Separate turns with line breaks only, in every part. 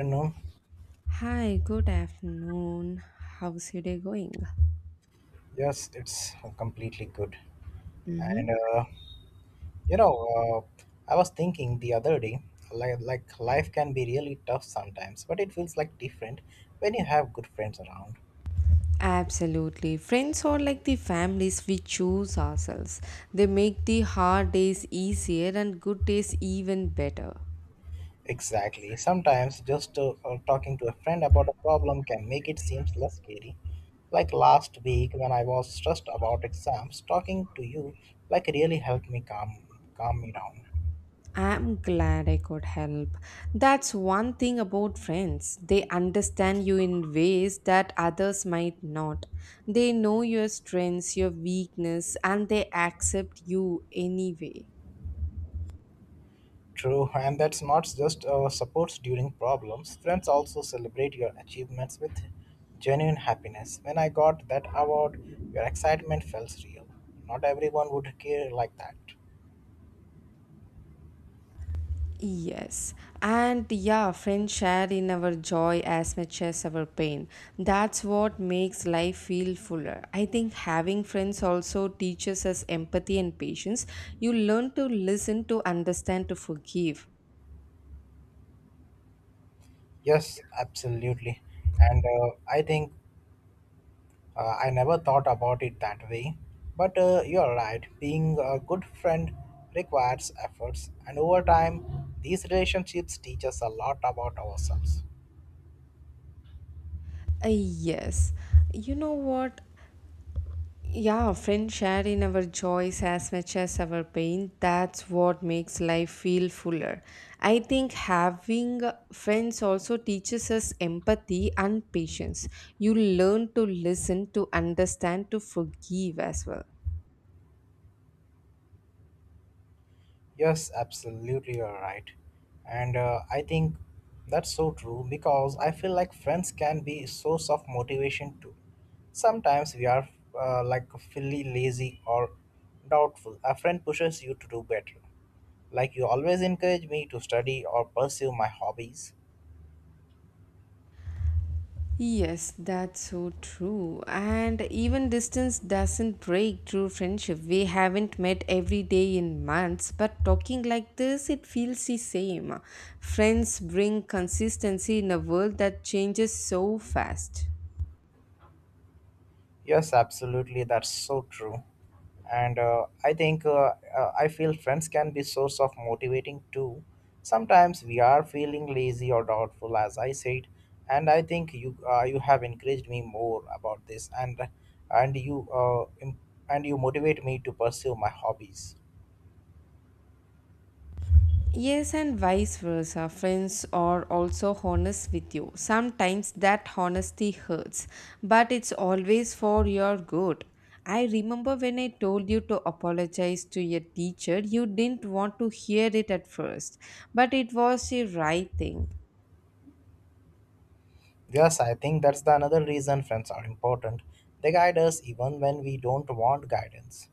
Afternoon.
Hi, good afternoon. How's your day going?
Yes, it's completely good.
Mm-hmm.
And uh, you know, uh, I was thinking the other day, like life can be really tough sometimes, but it feels like different when you have good friends around.
Absolutely. Friends are like the families we choose ourselves. They make the hard days easier and good days even better.
Exactly. Sometimes just talking to a friend about a problem can make it seems less scary. Like last week when I was stressed about exams, talking to you like really helped me calm me down.
I'm glad I could help. That's one thing about friends. They understand you in ways that others might not. They know your strengths, your weakness, and they accept you anyway.
True, and that's not just supports during problems. Friends also celebrate your achievements with genuine happiness. When I got that award, your excitement felt real. Not everyone would care like that.
Yes, and yeah, friends share in our joy as much as our pain. That's what makes life feel fuller. I think having friends also teaches us empathy and patience. You learn to listen, to understand, to forgive.
Yes, absolutely. And I think I never thought about it that way. But you're right, being a good friend requires efforts, and over time, these relationships teach us a lot about ourselves.
Yes, you know what? Yeah, friends share in our joys as much as our pain. That's what makes life feel fuller. I think having friends also teaches us empathy and patience. You learn to listen, to understand, to forgive as well.
Yes, absolutely, you're right. And I think that's so true because I feel like friends can be a source of motivation too. Sometimes we are like fully lazy or doubtful. A friend pushes you to do better. Like you always encourage me to study or pursue my hobbies.
Yes, that's so true. And even distance doesn't break true friendship. We haven't met every day in months, but talking like this, it feels the same. Friends bring consistency in a world that changes so fast.
Yes, absolutely. That's so true. And I think I feel friends can be source of motivating too. Sometimes we are feeling lazy or doubtful, as I said, and I think you have encouraged me more about this, and and you motivate me to pursue my hobbies.
Yes, and vice versa. Friends are also honest with you. Sometimes that honesty hurts, but it's always for your good. I remember when I told you to apologize to your teacher, you didn't want to hear it at first, but it was the right thing.
Yes, I think that's the another reason friends are important. They guide us even when we don't want guidance.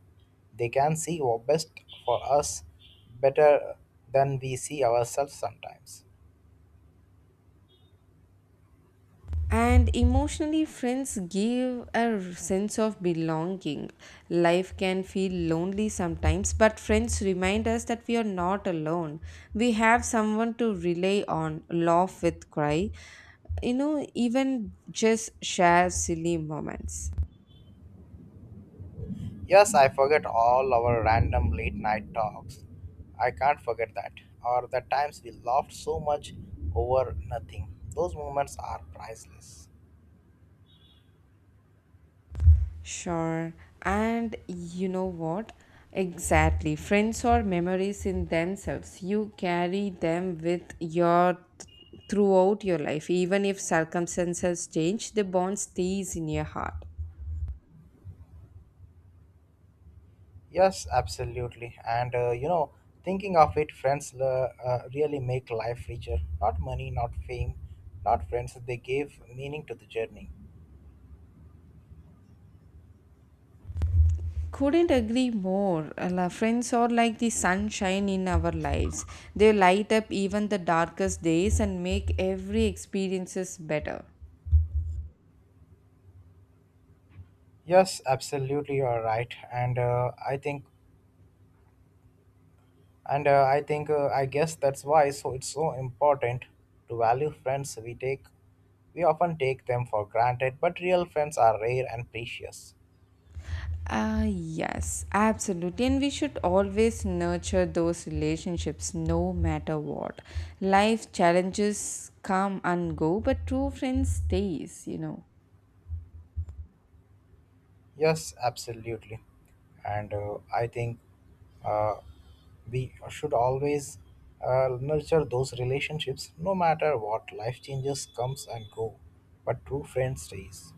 They can see what's best for us better than we see ourselves sometimes.
And emotionally, friends give a sense of belonging. Life can feel lonely sometimes, but friends remind us that we are not alone. We have someone to rely on, laugh with, cry, you know, even just share silly moments.
Yes, I forget all our random late night talks. I can't forget that. Or the times we laughed so much over nothing. Those moments are priceless.
Sure. And you know what? Exactly. Friends are memories in themselves. You carry them with your throughout your life. Even if circumstances change, the bond stays in your heart.
Yes, absolutely. Thinking of it, friends really make life richer. Not money, not fame, not friends. They gave meaning to the journey.
Couldn't agree more. Friends are like the sunshine in our lives. They light up even the darkest days and make every experiences better.
Yes, absolutely, you are right. And I think and I think I guess that's why so it's so important to value friends we often take them for granted, but real friends are rare and precious.
Yes, absolutely. And we should always nurture those relationships no matter what. Life challenges come and go, but true friends stays, you know.
Yes, absolutely. And I think uh, we should always nurture those relationships no matter what life changes comes and go, but true friends stays.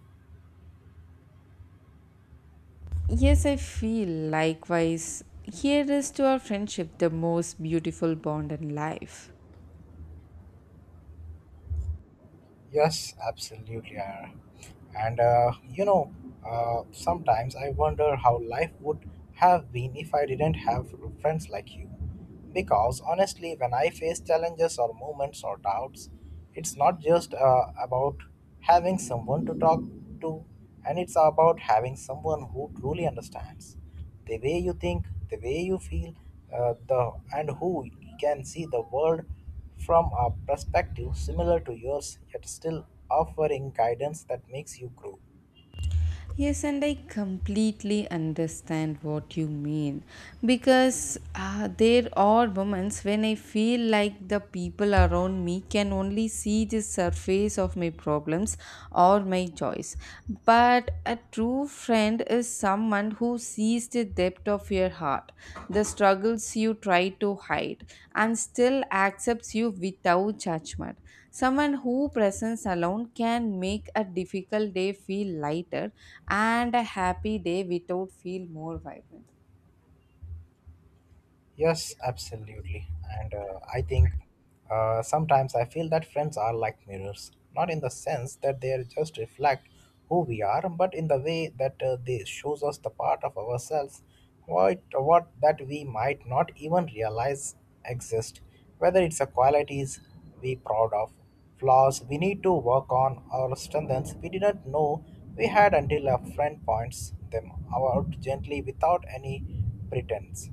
Yes, I feel likewise. Here is to our friendship, the most beautiful bond in life.
Yes, absolutely. Ira. And uh, you know, Sometimes I wonder how life would have been if I didn't have friends like you. Because honestly, when I face challenges or moments or doubts, it's not just about having someone to talk to, and it's about having someone who truly understands the way you think, the way you feel, the and who can see the world from a perspective similar to yours, yet still offering guidance that makes you grow.
Yes, and I completely understand what you mean because there are moments when I feel like the people around me can only see the surface of my problems or my joys. But a true friend is someone who sees the depth of your heart, the struggles you try to hide, and still accepts you without judgment. Someone who presents alone can make a difficult day feel lighter and a happy day without feel more vibrant.
Yes, absolutely. And I think Sometimes I feel that friends are like mirrors, not in the sense that they are just reflect who we are, but in the way that they shows us the part of ourselves what that we might not even realize exist, whether it's a qualities we proud of, flaws we need to work on, or strengths we didn't know we had until a friend points them out gently without any pretense.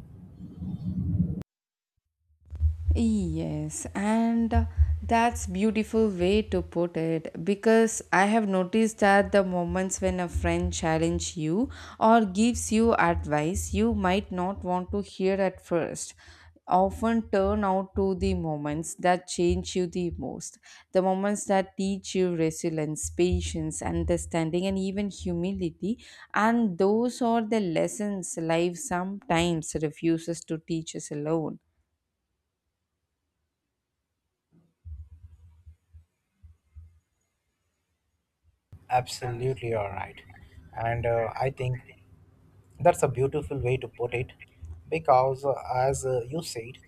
Yes, and that's beautiful way to put it because I have noticed that the moments when a friend challenge you or gives you advice you might not want to hear at first often turn out to the moments that change you the most, the moments that teach you resilience, patience, understanding, and even humility, and those are the lessons life sometimes refuses to teach us alone.
Absolutely, all right. And I think that's a beautiful way to put it because, as you said,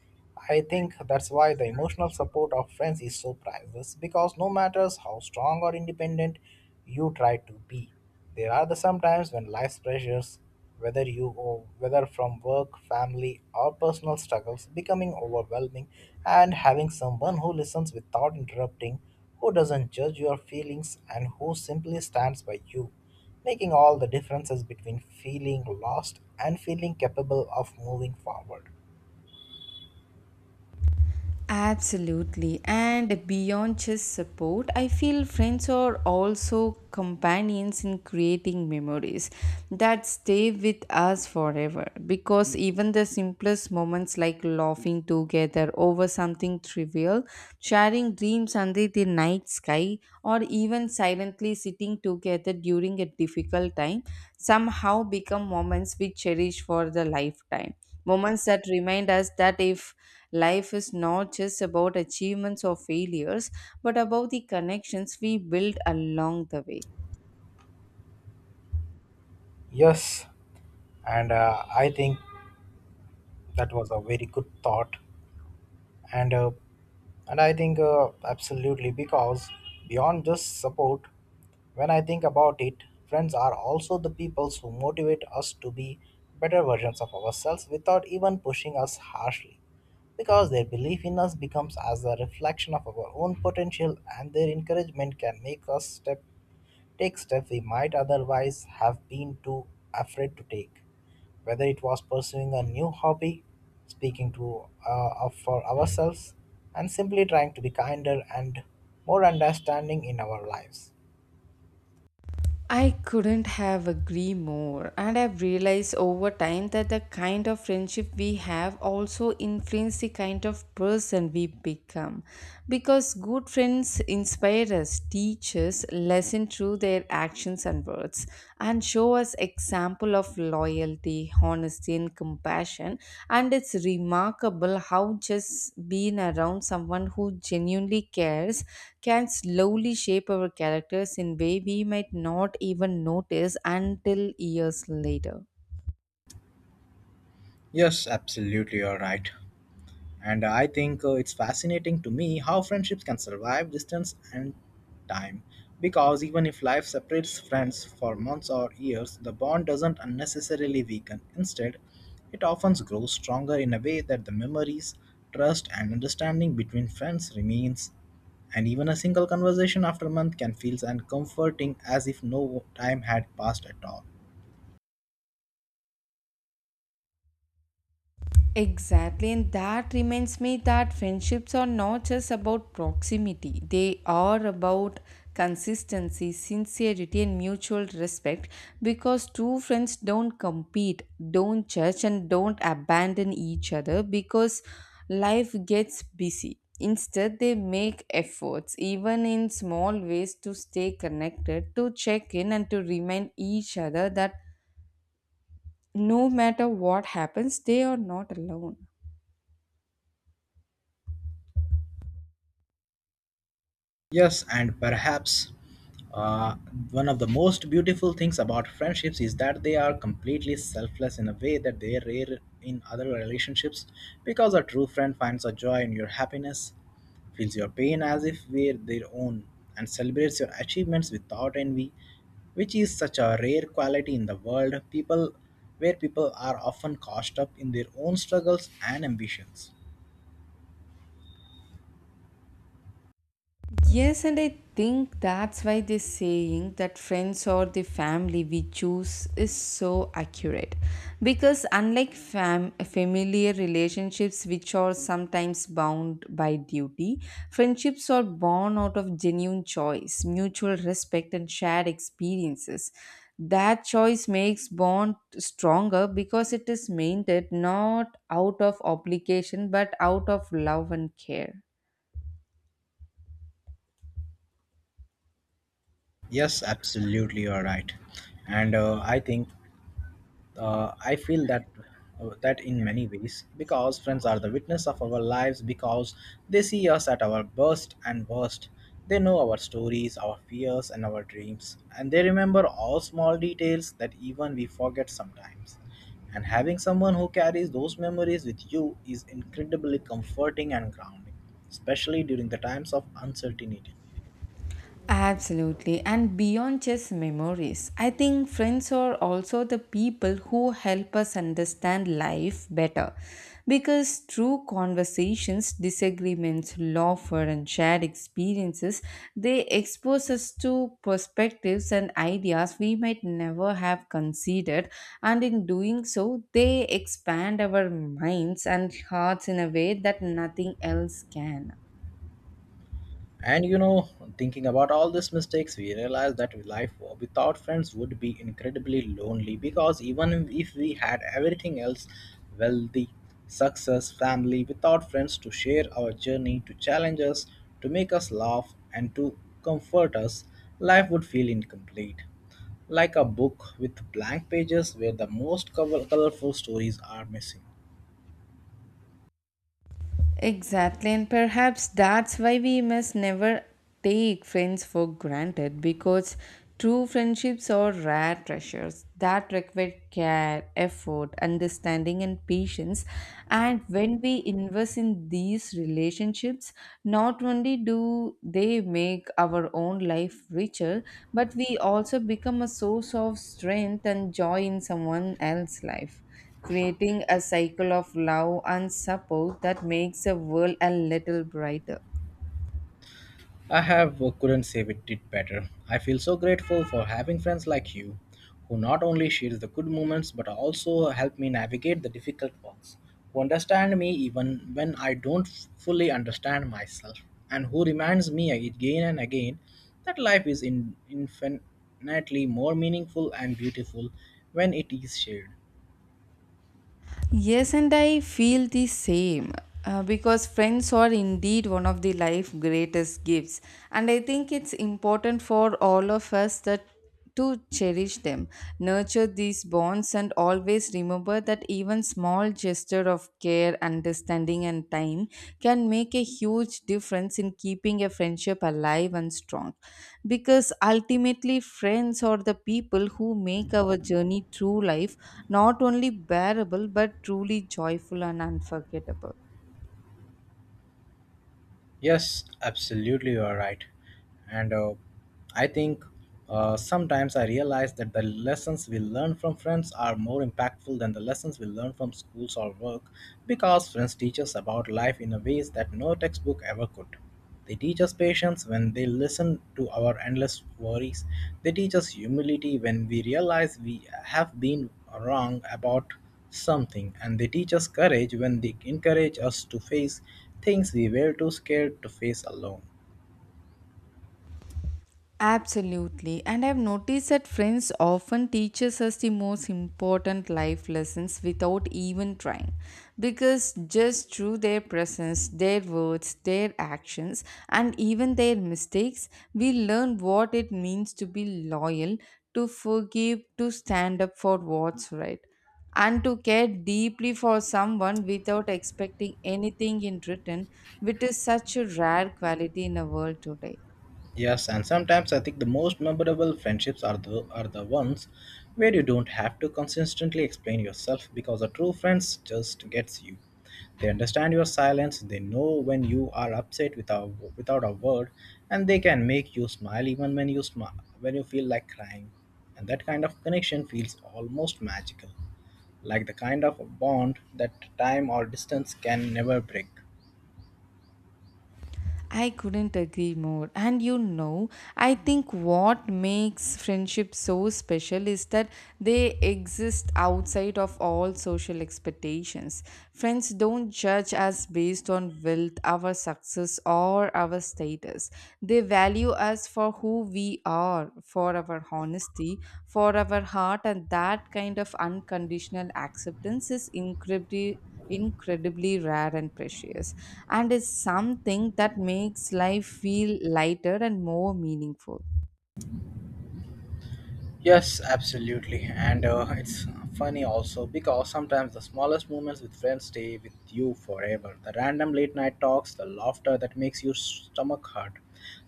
I think that's why the emotional support of friends is so priceless because no matter how strong or independent you try to be, there are the sometimes when life's pressures, whether you or whether from work, family, or personal struggles, becoming overwhelming, and having someone who listens without interrupting, who doesn't judge your feelings, and who simply stands by you making all the differences between feeling lost and feeling capable of moving forward.
Absolutely. And beyond just support, I feel friends are also companions in creating memories that stay with us forever. Because even the simplest moments, like laughing together over something trivial, sharing dreams under the night sky, or even silently sitting together during a difficult time, somehow become moments we cherish for the lifetime, moments that remind us that if life is not just about achievements or failures but about the connections we build along the way.
Yes, and I think that was a very good thought. And uh, and I think Absolutely, because beyond just support, when I think about it, friends are also the people who motivate us to be better versions of ourselves without even pushing us harshly because their belief in us becomes as a reflection of our own potential and their encouragement can make us step take steps we might otherwise have been too afraid to take. Whether it was pursuing a new hobby, speaking to for ourselves, and simply trying to be kinder and more understanding in our lives.
I couldn't have agreed more, and I've realized over time that the kind of friendship we have also influence the kind of person we become. Because good friends inspire us, teach us, lesson through their actions and words, and show us example of loyalty, honesty and compassion, and it's remarkable how just being around someone who genuinely cares can slowly shape our characters in way we might not even notice until years later.
Yes, absolutely, you're right. And I think it's fascinating to me how friendships can survive distance and time. Because even if life separates friends for months or years, the bond doesn't unnecessarily weaken. Instead, it often grows stronger in a way that the memories, trust, and understanding between friends remains. And even a single conversation after a month can feel as comforting as if no time had passed at all.
Exactly, and that reminds me that friendships are not just about proximity, they are about consistency, sincerity, and mutual respect because true friends don't compete, don't judge, and don't abandon each other because life gets busy. Instead, they make efforts, even in small ways, to stay connected, to check in, and to remind each other that no matter what happens, they are not alone.
Yes, and perhaps uh, one of the most beautiful things about friendships is that they are completely selfless in a way that they are rare in other relationships because a true friend finds a joy in your happiness, feels your pain as if were their own, and celebrates your achievements without envy, which is such a rare quality in the world people where people are often caught up in their own struggles and ambitions.
Yes, and I think that's why this saying that friends or the family we choose is so accurate. Because unlike familiar relationships, which are sometimes bound by duty, friendships are born out of genuine choice, mutual respect, and shared experiences. That choice makes bond stronger because it is maintained not out of obligation but out of love and care.
Yes, absolutely, you're right. And I think I feel that That in many ways because friends are the witness of our lives because they see us at our best and worst. They know our stories, our fears, and our dreams, and they remember all small details that even we forget sometimes, and having someone who carries those memories with you is incredibly comforting and grounding, especially during the times of uncertainty.
Absolutely. And beyond just memories, I think friends are also the people who help us understand life better. Because through conversations, disagreements, laughter, and shared experiences, they expose us to perspectives and ideas we might never have considered. And in doing so, they expand our minds and hearts in a way that nothing else can.
And you know, thinking about all these mistakes, we realized that life without friends would be incredibly lonely because even if we had everything else, wealthy, success, family without friends to share our journey, to challenge us, to make us laugh, and to comfort us, life would feel incomplete. Like a book with blank pages where the most colorful stories are missing.
Exactly, and perhaps that's why we must never take friends for granted because true friendships are rare treasures that require care, effort, understanding, and patience. And when we invest in these relationships, not only do they make our own life richer, but we also become a source of strength and joy in someone else's life, creating a cycle of love and support that makes the world a little brighter.
I have couldn't save it did better. I feel so grateful for having friends like you, who not only share the good moments but also help me navigate the difficult ones, who understand me even when I don't fully understand myself, and who reminds me again and again that life is infinitely more meaningful and beautiful when it is shared.
Yes, and I feel the same. Because friends are indeed one of the life greatest gifts, and I think it's important for all of us that to cherish them, nurture these bonds, and always remember that even small gesture of care, understanding, and time can make a huge difference in keeping a friendship alive and strong. Because ultimately, friends are the people who make our journey through life not only bearable but truly joyful and unforgettable.
Yes, absolutely, you are right. And I think Sometimes I realize that the lessons we learn from friends are more impactful than the lessons we learn from schools or work because friends teach us about life in a ways that no textbook ever could. They teach us patience when they listen to our endless worries. They teach us humility when we realize we have been wrong about something. And they teach us courage when they encourage us to face things we were too scared to face alone.
Absolutely. And I've noticed that friends often teaches us the most important life lessons without even trying. Because just through their presence, their words, their actions, and even their mistakes, we learn what it means to be loyal, to forgive, to stand up for what's right, and to care deeply for someone without expecting anything in return, which is such a rare quality in a world today.
Yes, and sometimes I think the most memorable friendships are the ones where you don't have to consistently explain yourself because a true friend just gets you. They understand your silence, they know when you are upset without a word, and they can make you smile even when you smile when you feel like crying. And that kind of connection feels almost magical, like the kind of a bond that time or distance can never break.
I couldn't agree more. And you know, I think what makes friendships so special is that they exist outside of all social expectations. Friends don't judge us based on wealth, our success, or our status. They value us for who we are, for our honesty, for our heart, and that kind of unconditional acceptance is incredibly rare and precious and is something that makes life feel lighter and more meaningful.
Yes, absolutely. And It's funny also because sometimes the smallest moments with friends stay with you forever. The random late night talks, the laughter that makes your stomach hurt,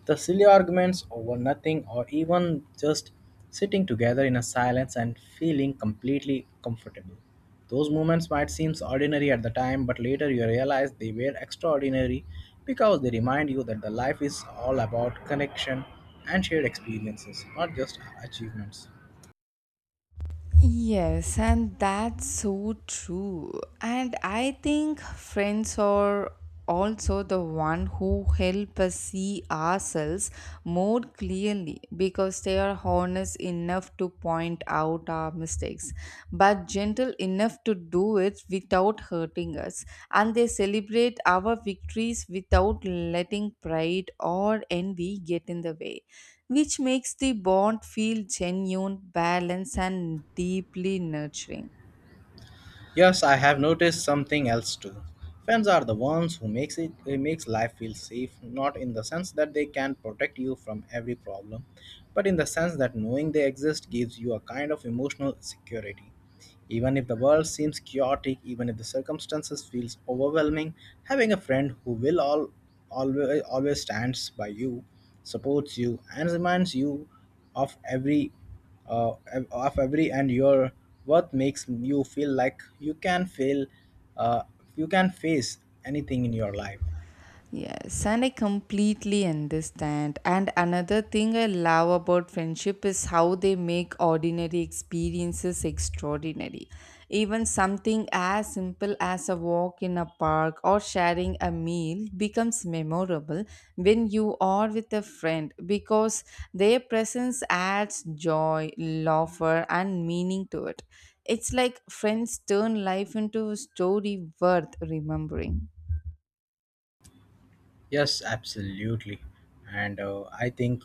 the silly arguments over nothing, or even just sitting together in a silence and feeling completely comfortable. Those moments might seem ordinary at the time, but later you realize they were extraordinary because they remind you that the life is all about connection and shared experiences, not just achievements.
Yes, and that's so true. And I think friends are also the one who help us see ourselves more clearly because they are honest enough to point out our mistakes but gentle enough to do it without hurting us, and they celebrate our victories without letting pride or envy get in the way, which makes the bond feel genuine, balanced, and deeply nurturing.
Yes, I have noticed something else too. Friends are the ones who makes life feel safe, not in the sense that they can protect you from every problem, but in the sense that knowing they exist gives you a kind of emotional security. Even if the world seems chaotic, even if the circumstances feels overwhelming, having a friend who will all always stands by you, supports you, and reminds you of of every and your worth makes you feel like uh, you can face anything in your life.
Yes, and I completely understand. And another thing I love about friendship is how they make ordinary experiences extraordinary. Even something as simple as a walk in a park or sharing a meal becomes memorable when you are with a friend because their presence adds joy, laughter, and meaning to it. It's like friends turn life into a story worth remembering.
Yes, absolutely. And I think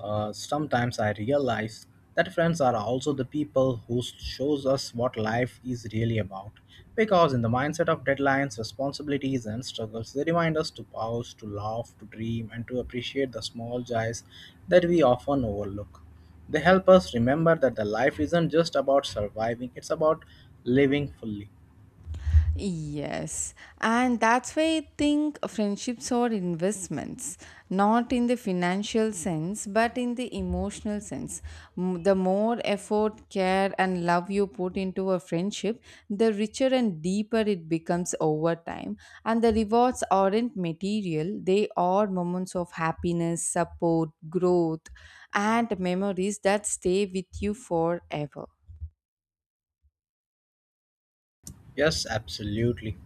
Sometimes I realize that friends are also the people who shows us what life is really about. Because in the mindset of deadlines, responsibilities, and struggles, they remind us to pause, to laugh, to dream, and to appreciate the small joys that we often overlook. They help us remember that the life isn't just about surviving; it's about living fully.
Yes, and that's why I think friendships are investments, not in the financial sense, but in the emotional sense. The more effort, care, and love you put into a friendship, the richer and deeper it becomes over time. And the rewards aren't material, they are moments of happiness, support, growth, and memories that stay with you forever.
Yes, absolutely.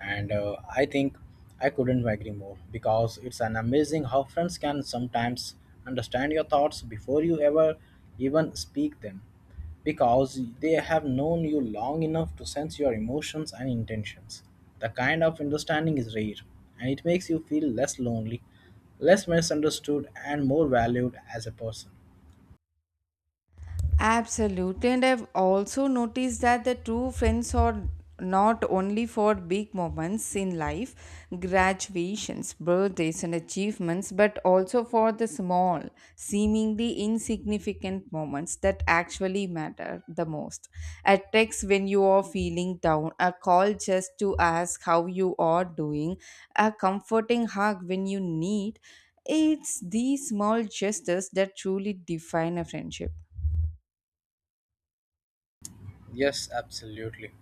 And I think I couldn't agree more because it's an amazing how friends can sometimes understand your thoughts before you ever even speak them because they have known you long enough to sense your emotions and intentions. The kind of understanding is rare, and it makes you feel less lonely, less misunderstood, and more valued as a person.
Absolutely, and I've also noticed that the true friends are not only for big moments in life, graduations, birthdays, and achievements, but also for the small, seemingly insignificant moments that actually matter the most. A text when you are feeling down, a call just to ask how you are doing, a comforting hug when you need. It's these small gestures that truly define a friendship.
Yes, absolutely.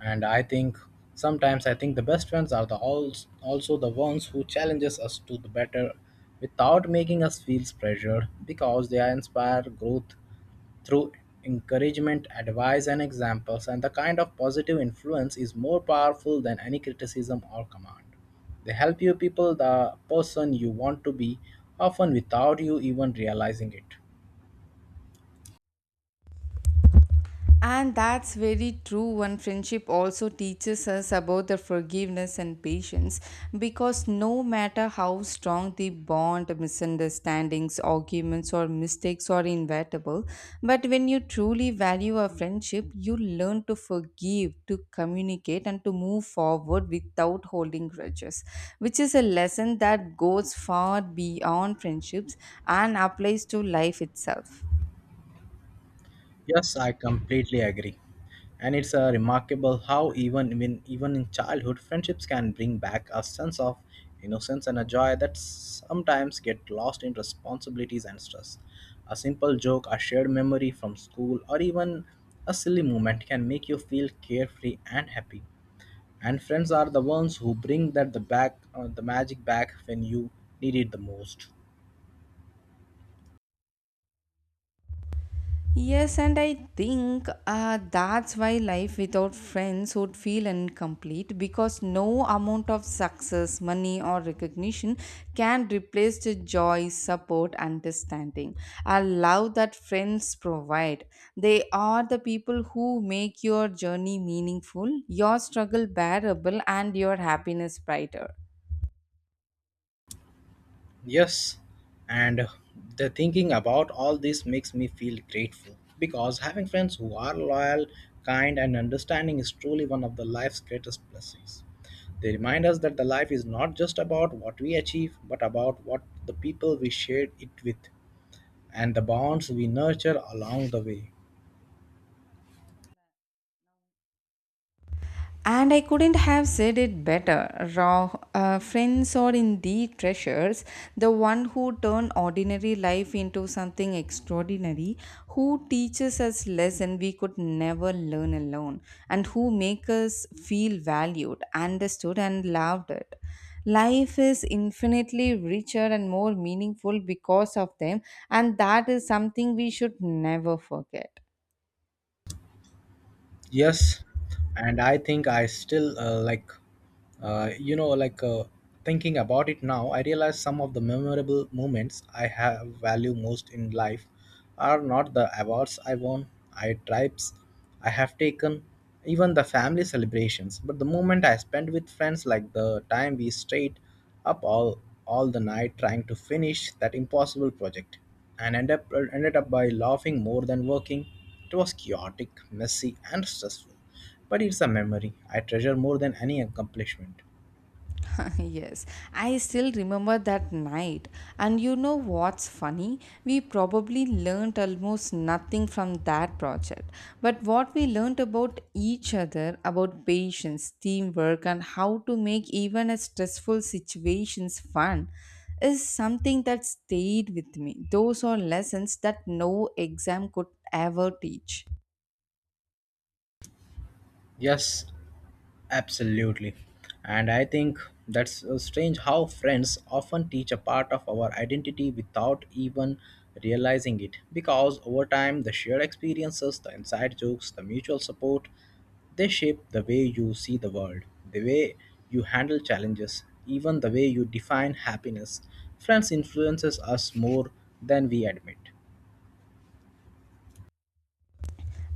And I think sometimes I think the best friends are the als also the ones who challenges us to the better without making us feel pressured because they inspire growth through encouragement, advice and examples, and the kind of positive influence is more powerful than any criticism or command. They help you people the person you want to be often without you even realizing it.
And that's very true. And friendship also teaches us about the forgiveness and patience because no matter how strong the bond, misunderstandings, arguments, or mistakes are inevitable, but when you truly value a friendship, you learn to forgive, to communicate, and to move forward without holding grudges, which is a lesson that goes far beyond friendships and applies to life itself.
Yes, I completely agree. And it's remarkable how even in childhood, friendships can bring back a sense of innocence and a joy that sometimes get lost in responsibilities and stress. A simple joke, a shared memory from school, or even a silly moment can make you feel carefree and happy. And friends are the ones who bring that the back the magic back when you need it the most.
Yes, and I think that's why life without friends would feel incomplete because no amount of success, money, or recognition can replace the joy, support, understanding. I love that friends provide. They are the people who make your journey meaningful, your struggle bearable, and your happiness brighter.
Yes, and the thinking about all this makes me feel grateful because having friends who are loyal, kind, and understanding is truly one of the life's greatest blessings. They remind us that the life is not just about what we achieve, but about what the people we shared it with and the bonds we nurture along the way.
And I couldn't have said it better. Raw friends are indeed treasures, the one who turn ordinary life into something extraordinary, who teaches us lesson we could never learn alone, and who make us feel valued, understood, and loved. It. Life is infinitely richer and more meaningful because of them, and that is something we should never forget.
Yes, and I think I still uh, you know, like uh, thinking about it now, I realize some of the memorable moments I have value most in life are not the awards I won, I trips I have taken, even the family celebrations, but the moment I spent with friends, like the time we stayed up all the night trying to finish that impossible project and ended up by laughing more than working. It was chaotic, messy, and stressful, but it's a memory I treasure more than any accomplishment.
Yes, I still remember that night. And you know what's funny? We probably learned almost nothing from that project. But what we learned about each other, about patience, teamwork, and how to make even a stressful situations fun is something that stayed with me. Those are lessons that no exam could ever teach.
Yes, absolutely. And I think that's strange how friends often teach a part of our identity without even realizing it. Because over time, the shared experiences, the inside jokes, the mutual support, they shape the way you see the world, the way you handle challenges, even the way you define happiness. Friends influences us more than we admit.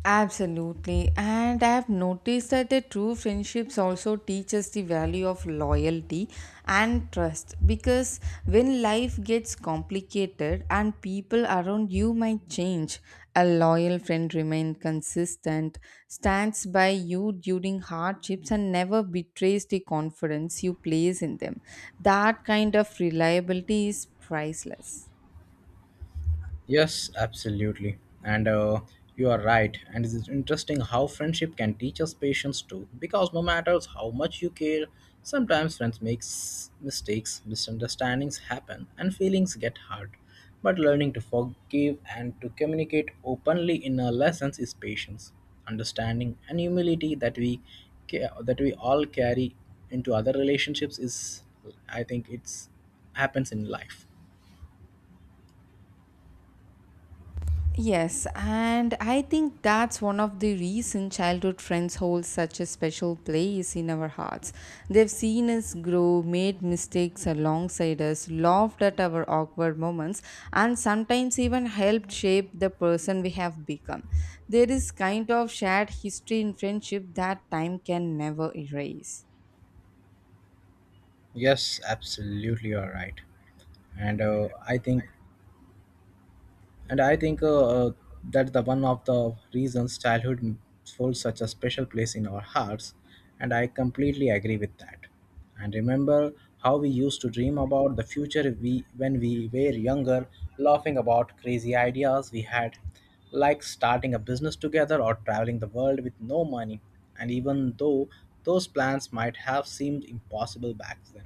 Absolutely. And I have noticed that the true friendships also teach us the value of loyalty and trust because when life gets complicated and people around you might change, a loyal friend remains consistent, stands by you during hardships, and never betrays the confidence you place in them. That kind of reliability is priceless.
Yes, absolutely. And you are right. And it's interesting how friendship can teach us patience too. Because no matter how much you care, sometimes friends mistakes, misunderstandings happen, and feelings get hurt. But learning to forgive and to communicate openly in our lessons is patience, understanding, and humility that that we all carry into other relationships is, I think, it's happens in life.
Yes, and I think that's one of the reasons childhood friends hold such a special place in our hearts. They've seen us grow, made mistakes alongside us, laughed at our awkward moments, and sometimes even helped shape the person we have become. There is kind of shared history in friendship that time can never erase.
Yes, absolutely, you're right. and I think and I think that's the one of the reasons childhood holds such a special place in our hearts, and I completely agree with that. And remember how we used to dream about the future we when we were younger, laughing about crazy ideas we had, like starting a business together or traveling the world with no money. And even though those plans might have seemed impossible back then.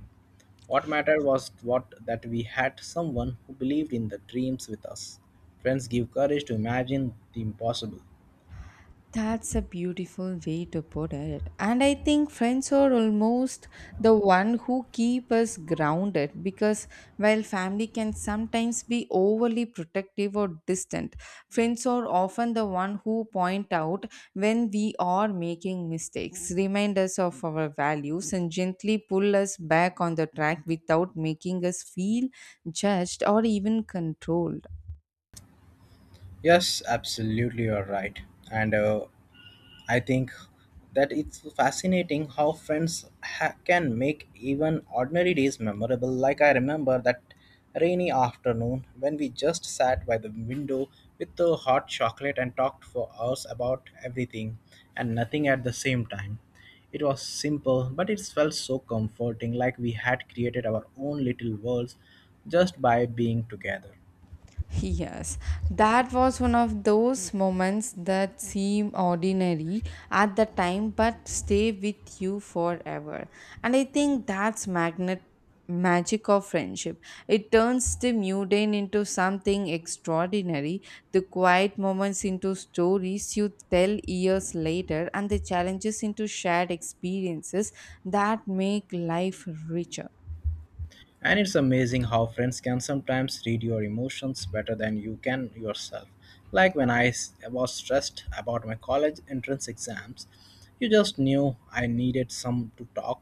What mattered was what that we had someone who believed in the dreams with us. Friends give courage to imagine the impossible.
That's a beautiful way to put it. And I think friends are almost the one who keep us grounded because while family can sometimes be overly protective or distant, friends are often the one who point out when we are making mistakes, remind us of our values and gently pull us back on the track without making us feel judged or even controlled.
Yes, absolutely, you're right. And I think that it's fascinating how can make even ordinary days memorable. Like I remember that rainy afternoon when we just sat by the window with the hot chocolate and talked for hours about everything and nothing at the same time. It was simple, but it felt so comforting, like we had created our own little worlds just by being together.
Yes, that was one of those moments that seem ordinary at the time but stay with you forever. And I think that's magnet magic of friendship. It turns the mundane into something extraordinary, the quiet moments into stories you tell years later, and the challenges into shared experiences that make life richer.
And it's amazing how friends can sometimes read your emotions better than you can yourself. Like when was stressed about my college entrance exams, you just knew I needed some to talk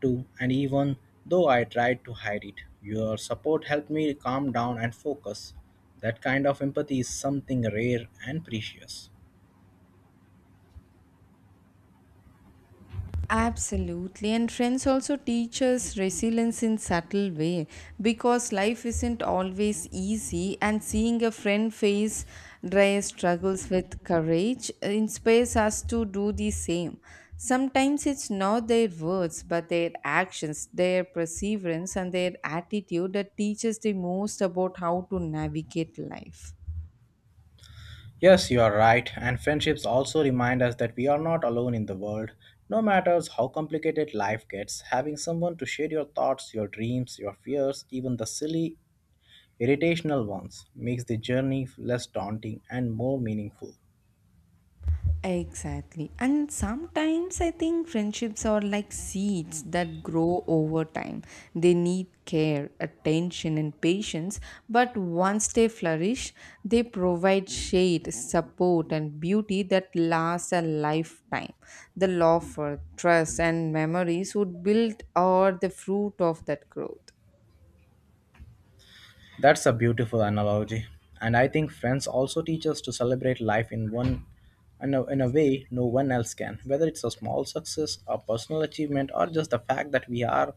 to, and even though I tried to hide it, your support helped me calm down and focus. That kind of empathy is something rare and precious.
Absolutely, and friends also teach us resilience in subtle way because life isn't always easy. And seeing a friend face dry struggles with courage inspires us to do the same. Sometimes it's not their words, but their actions, their perseverance, and their attitude that teaches the most about how to navigate life.
Yes, you are right, and friendships also remind us that we are not alone in the world. No matter how complicated life gets, having someone to share your thoughts, your dreams, your fears, even the silly, irritational ones, makes the journey less daunting and more meaningful.
Exactly. And sometimes I think friendships are like seeds that grow over time. They need care, attention, and patience, but once they flourish, they provide shade, support, and beauty that lasts a lifetime. The love for trust and memories would build are the fruit of that growth.
That's a beautiful analogy. And I think friends also teach us to celebrate life in a way no one else can, whether it's a small success, a personal achievement, or just the fact that we are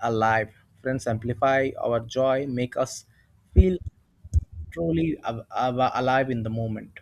alive. Friends amplify our joy, make us feel truly alive in the moment.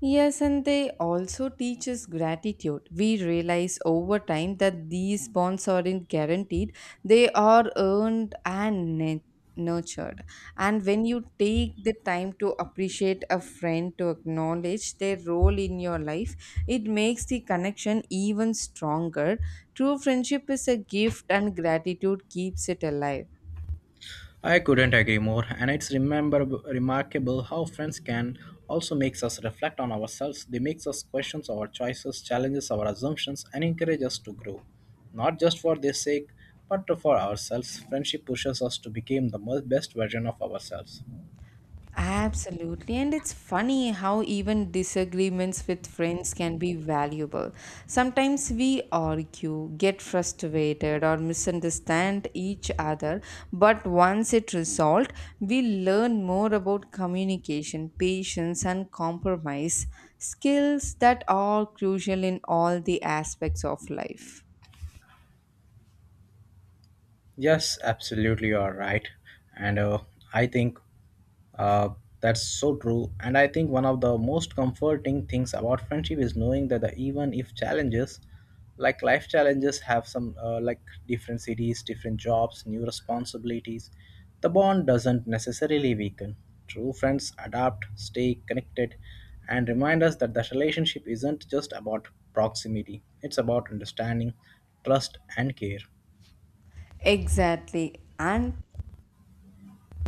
Yes, and they also teach us gratitude. We realize over time that these bonds aren't guaranteed, they are earned and nurtured. And when you take the time to appreciate a friend, to acknowledge their role in your life, it makes the connection even stronger. True friendship is a gift, and gratitude keeps it alive.
I couldn't agree more, and it's remember remarkable how friends can also makes us reflect on ourselves. They makes us question our choices, challenges our assumptions, and encourage us to grow, not just for their sake, but for ourselves. Friendship pushes us to become the most best version of ourselves.
Absolutely. And it's funny how even disagreements with friends can be valuable. Sometimes we argue, get frustrated, or misunderstand each other. But once it resolved, we learn more about communication, patience, and compromise skills that are crucial in all the aspects of life.
Yes, absolutely, you are right. And I think uh, that's so true. And I think one of the most comforting things about friendship is knowing that the, even if challenges, like life challenges, have some like different cities, different jobs, new responsibilities, the bond doesn't necessarily weaken. True friends adapt, stay connected, and remind us that the relationship isn't just about proximity, it's about understanding, trust, and care.
Exactly. And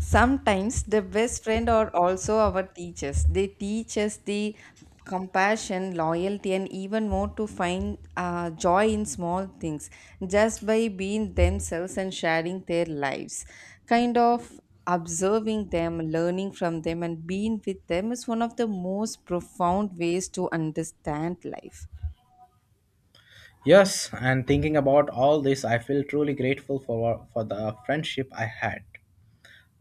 sometimes the best friend are also our teachers. They teach us the compassion, loyalty, and even more to find joy in small things just by being themselves and sharing their lives. Kind of observing them, learning from them, and being with them is one of the most profound ways to understand life.
Yes, and thinking about all this, I feel truly grateful for the friendship I had.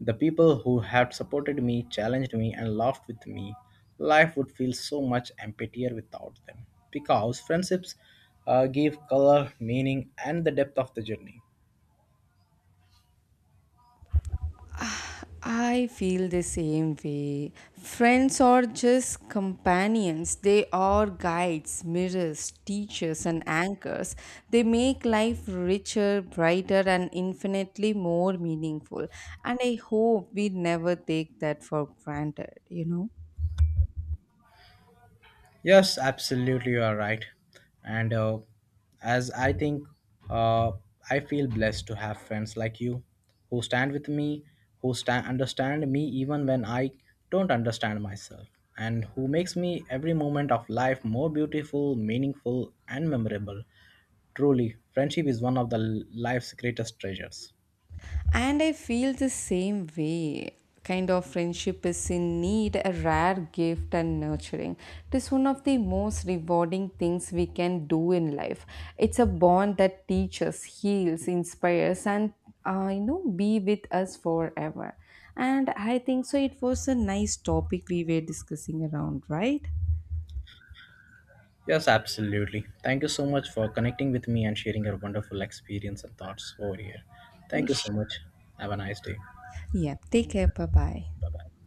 The people who have supported me, challenged me, and laughed with me. Life would feel so much emptier without them. Because friendships give color, meaning, and the depth of the journey.
I feel the same way. Friends are just companions. They are guides, mirrors, teachers, and anchors. They make life richer, brighter, and infinitely more meaningful. And I hope we never take that for granted, you know?
Yes, absolutely, you are right. And as I think, uh, I feel blessed to have friends like you who stand with me, who stand understand me even when I don't understand myself, and who makes me every moment of life more beautiful, meaningful, and memorable. Truly, friendship is one of life's greatest treasures.
And I feel the same way. Kind of friendship is in need a rare gift and nurturing. It is one of the most rewarding things we can do in life. It's a bond that teaches, heals, inspires, and you know, be with us forever. And I think so. It was a nice topic we were discussing around, right?
Yes, absolutely. Thank you so much for connecting with me and sharing your wonderful experience and thoughts over here. Thank you
Yes.
so much. Have a nice day.
Yeah. Take care. Bye bye.
Bye bye.